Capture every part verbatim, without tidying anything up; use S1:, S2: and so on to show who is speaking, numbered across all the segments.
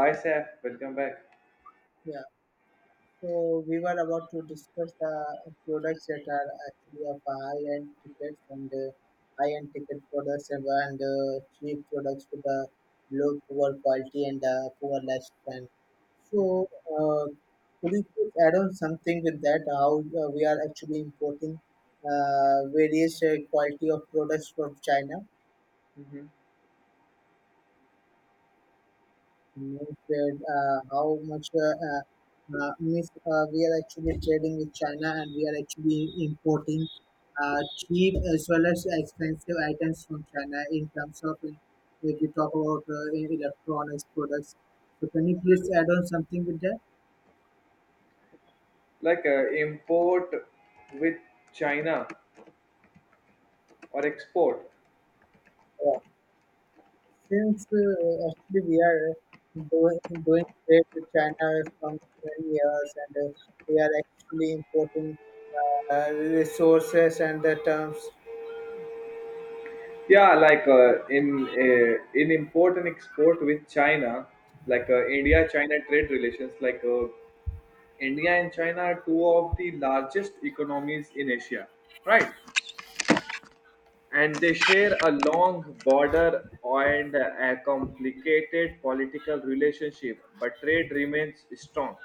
S1: Hi, Saf. Welcome back.
S2: Yeah, so we were about to discuss the products that are actually of high-end tickets and uh, high-end ticket products and uh, cheap products with a low poor quality and uh, poor lifespan. So, uh, could you please add on something with that? How uh, we are actually importing uh, various uh, quality of products from China?
S1: hmm
S2: Trade, uh, how much uh, uh, uh, mis- uh, we are actually trading with China and we are actually importing uh, cheap as well as expensive items from China in terms of in, if you talk about uh, in electronics products. So can you please add on something with that?
S1: Like uh, import with China or export?
S2: Yeah. Since uh, actually we are doing doing trade with China from twenty years, and uh, we are actually importing uh, resources and the terms.
S1: Yeah, like uh, in uh, in import and export with China, like uh, India-China trade relations. Like uh, India and China are two of the largest economies in Asia, right? And they share a long border and a complicated political relationship, but trade remains strong.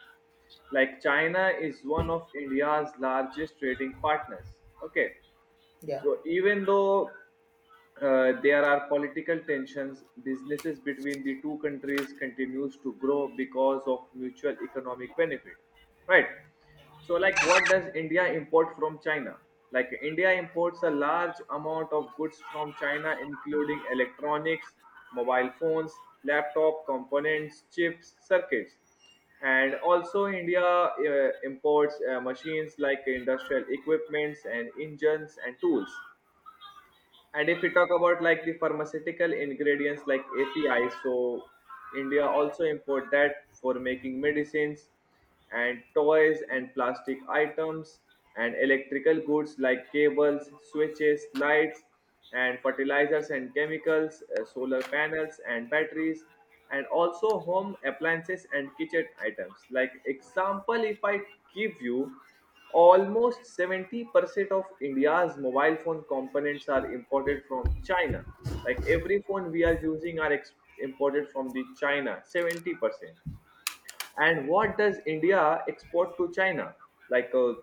S1: Like China is one of India's largest trading partners. Okay,
S2: Yeah.
S1: so even though uh, there are political tensions, businesses between the two countries continues to grow because of mutual economic benefit, right? So, like, what does India import from China? Like, India imports a large amount of goods from China, including electronics, mobile phones, laptop components, chips, circuits. And also, India uh, imports uh, machines like industrial equipments and engines and tools. And if we talk about like the pharmaceutical ingredients like A P I, so India also import that for making medicines and toys and plastic items and electrical goods like cables, switches, lights and fertilizers and chemicals, uh, solar panels and batteries and also home appliances and kitchen items. Like example if I give you almost seventy percent of India's mobile phone components are imported from China. Like every phone we are using are ex- imported from the China, seventy percent. And what does India export to China? Like uh,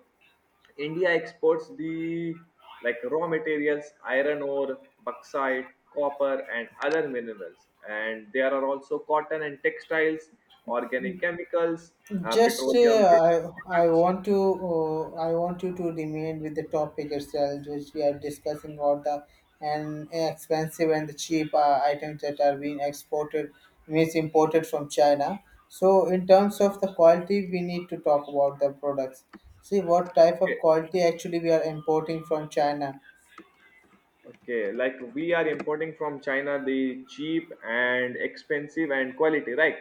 S1: India exports the like raw materials, iron ore, bauxite, copper, and other minerals. And there are also cotton and textiles, organic chemicals, uh,
S2: Just uh,
S1: petroleum based
S2: I I
S1: products.
S2: want to uh, I want you to remain with the topic itself, which we are discussing about the and expensive and the cheap uh, items that are being exported, means imported from China. So in terms of the quality, we need to talk about the products. See what type of
S1: Okay.
S2: quality actually we are importing from China.
S1: Okay, like we are importing from China the cheap and expensive and quality, right?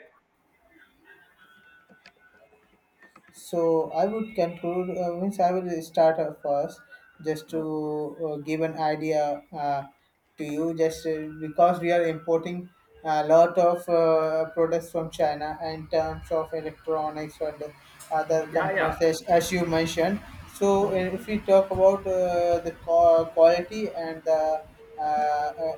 S2: So I would conclude, uh, means I will start uh, first just to
S1: Uh,
S2: uh, give an idea uh, to you, just uh, because we are importing a lot of uh, products from China in terms of electronics and other
S1: Yeah, yeah.
S2: components, as, as you mentioned. So uh,
S1: Mhm,
S2: if
S1: mhm.
S2: we talk about uh, the qua- quality and the uh, uh,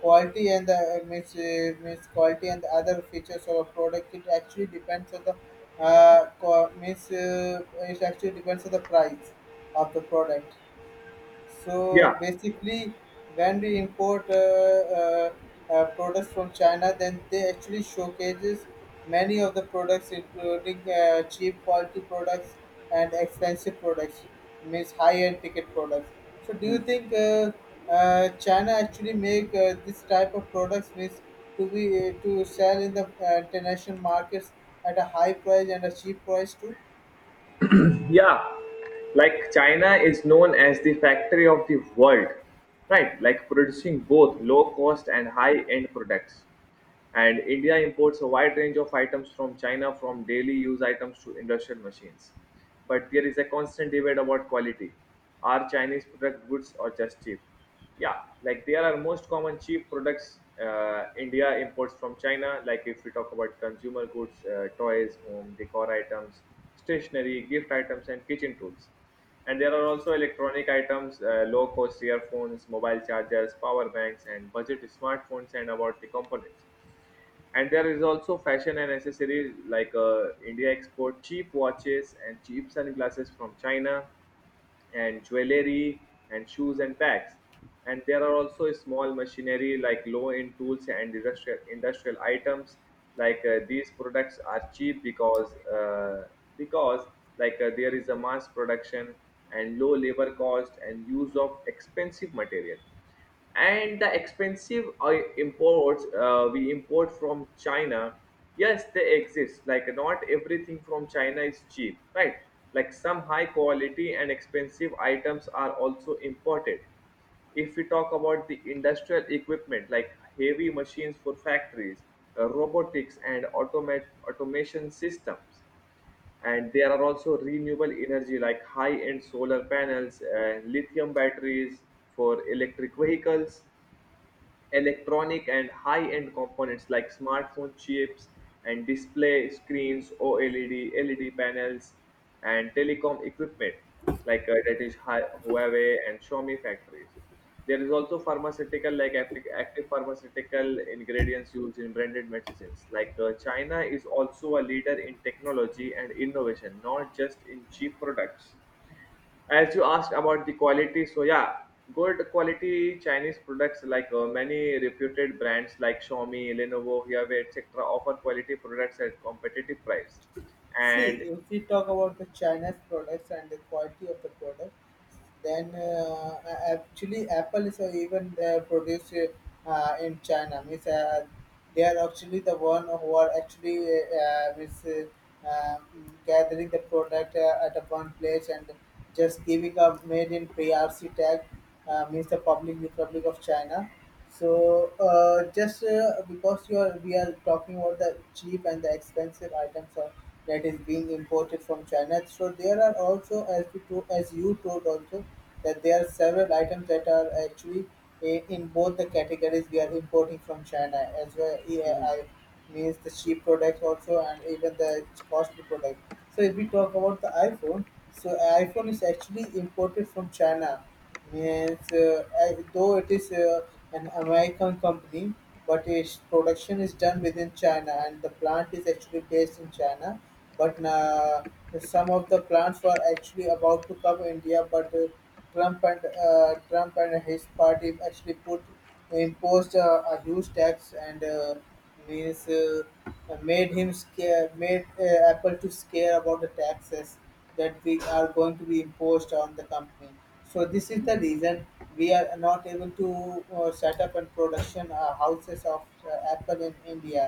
S2: quality and the means, uh, means quality and the other features of a product, it actually depends on the uh, co- means uh, it actually depends on the price of the product.
S1: Yeah.
S2: So basically, when we import uh, uh, uh, products from China, then they actually showcases many of the products, including uh, cheap quality products and expensive products, means high-end ticket products. So do you
S1: Hmm.
S2: think uh, uh, China actually make uh, this type of products means to be uh, to sell in the uh, international markets at a high price and a cheap price too?
S1: Yeah. Like China is known as the factory of the world, right? Like producing both low cost and high end products. And India imports a wide range of items from China, from daily use items to industrial machines. But there is a constant debate about quality. Are Chinese product goods or just cheap? Yeah, like there are most common cheap products uh, India imports from China. Like if we talk about consumer goods, uh, toys, home decor items, stationery, gift items, and kitchen tools. And there are also electronic items, uh, low cost earphones, mobile chargers, power banks, and budget smartphones, and about the components. And there is also fashion and accessories, like uh, India export cheap watches and cheap sunglasses from China, and jewelry and shoes and bags. And there are also small machinery like low end tools and industrial industrial items. Like uh, these products are cheap because uh, because like uh, there is a mass production and low labor cost and use of expensive material and the expensive oil imports uh, we import from China. Yes, they exist. Like not everything from China is cheap, right? Like some high quality and expensive items are also imported. If we talk about the industrial equipment like heavy machines for factories, uh, robotics and automat- automation systems. And there are also renewable energy like high end solar panels and lithium batteries for electric vehicles, electronic and high-end components like smartphone chips and display screens, O L E D, L E D panels, and telecom equipment like uh, that is Hi- Huawei and Xiaomi factories. There is also pharmaceutical like active, active pharmaceutical ingredients used in branded medicines. Like uh, China is also a leader in technology and innovation, not just in cheap products. As you asked about the quality, so yeah, good quality Chinese products, like uh, many reputed brands like Xiaomi, Lenovo, Huawei, etc. offer quality products at competitive price.
S2: See,
S1: And
S2: if we talk about the China's products and the quality of the product, then uh, actually Apple is uh, even uh, produced uh, in China. Means uh, they are actually the one who are actually uh, uh, means, uh, um, gathering the product uh, at a one place and just giving a made in P R C tag, uh, means the Public Republic of China. So uh, just uh, because you are, we are talking about the cheap and the expensive items are, that is being imported from China. So there are also, as you told, as you told also, that there are several items that are actually i- in both the categories we are importing from China as well.
S1: mhm,
S2: E A I means the cheap products also and even the costly products. So if we talk about the iPhone, so iPhone is actually imported from China. Means, uh, I- though it is uh, an American company, but its production is done within China, and the plant is actually based in China. But uh, some of the plants were actually about to come India, but uh, Trump and uh, Trump and his party actually put imposed uh, a huge tax. And. Uh, means uh, uh, Made him scare, made uh, Apple to scare about the taxes that we are going to be imposed on the company. So this is the
S1: mhm.
S2: reason we are not able to uh, set up and production uh, houses of uh, Apple in India.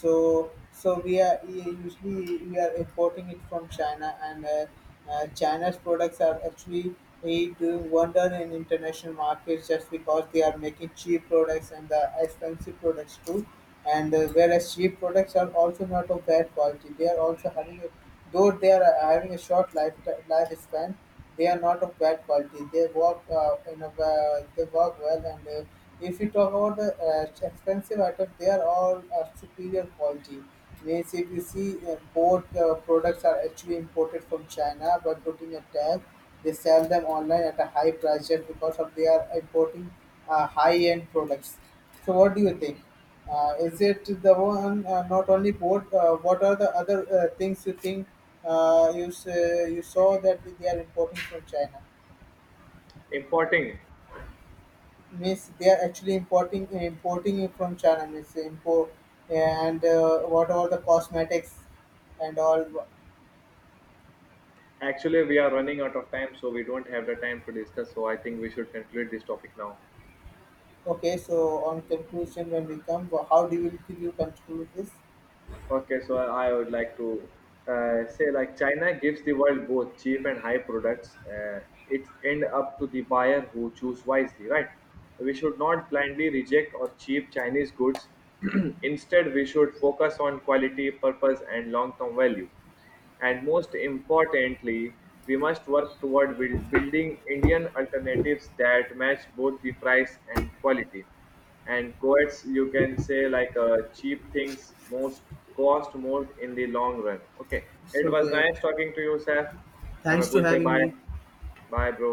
S2: So so we are usually we are importing it from China, and uh, uh, China's products are actually eh, doing wonder in international markets just because they are making cheap products and the expensive products too. And uh, whereas cheap products are also not of bad quality, they are also having a, though they are uh, having a short life lifespan, they are not of bad quality. They work uh, in a uh, they work well. And. Uh, if you talk about the uh, expensive items, they are all uh, superior quality. Means if you see uh, both uh, products are actually imported from China, but putting a tag they sell them online at a high price just because of they are importing uh, high-end products. So what do you think? Uh, is it the one uh, not only port? Uh, what are the other uh, things you think uh, you s- uh, you saw that they are importing from China?
S1: Importing,
S2: Means they are actually importing importing it from China. Means import and uh, what are the cosmetics and all?
S1: actually we are running out of time so we don't have the time to discuss, so I think we should conclude this topic now.
S2: Okay, so on conclusion when we come, how do you will you conclude this?
S1: Okay, so I would like to uh, say like China gives the world both cheap and high products. Uh, it end up to the buyer who choose wisely, right? We should not blindly reject or cheap Chinese goods. Instead, we should focus on quality, purpose, and long-term value. And most importantly, we must work toward build- building Indian alternatives that match both the price and quality and coets, you can say, like uh, cheap things most cost more in the long run. Okay,
S2: It's
S1: it was
S2: okay.
S1: nice talking to you, sir. Have a
S2: Thanks for
S1: good day.
S2: having
S1: Bye.
S2: me.
S1: Bye, bro.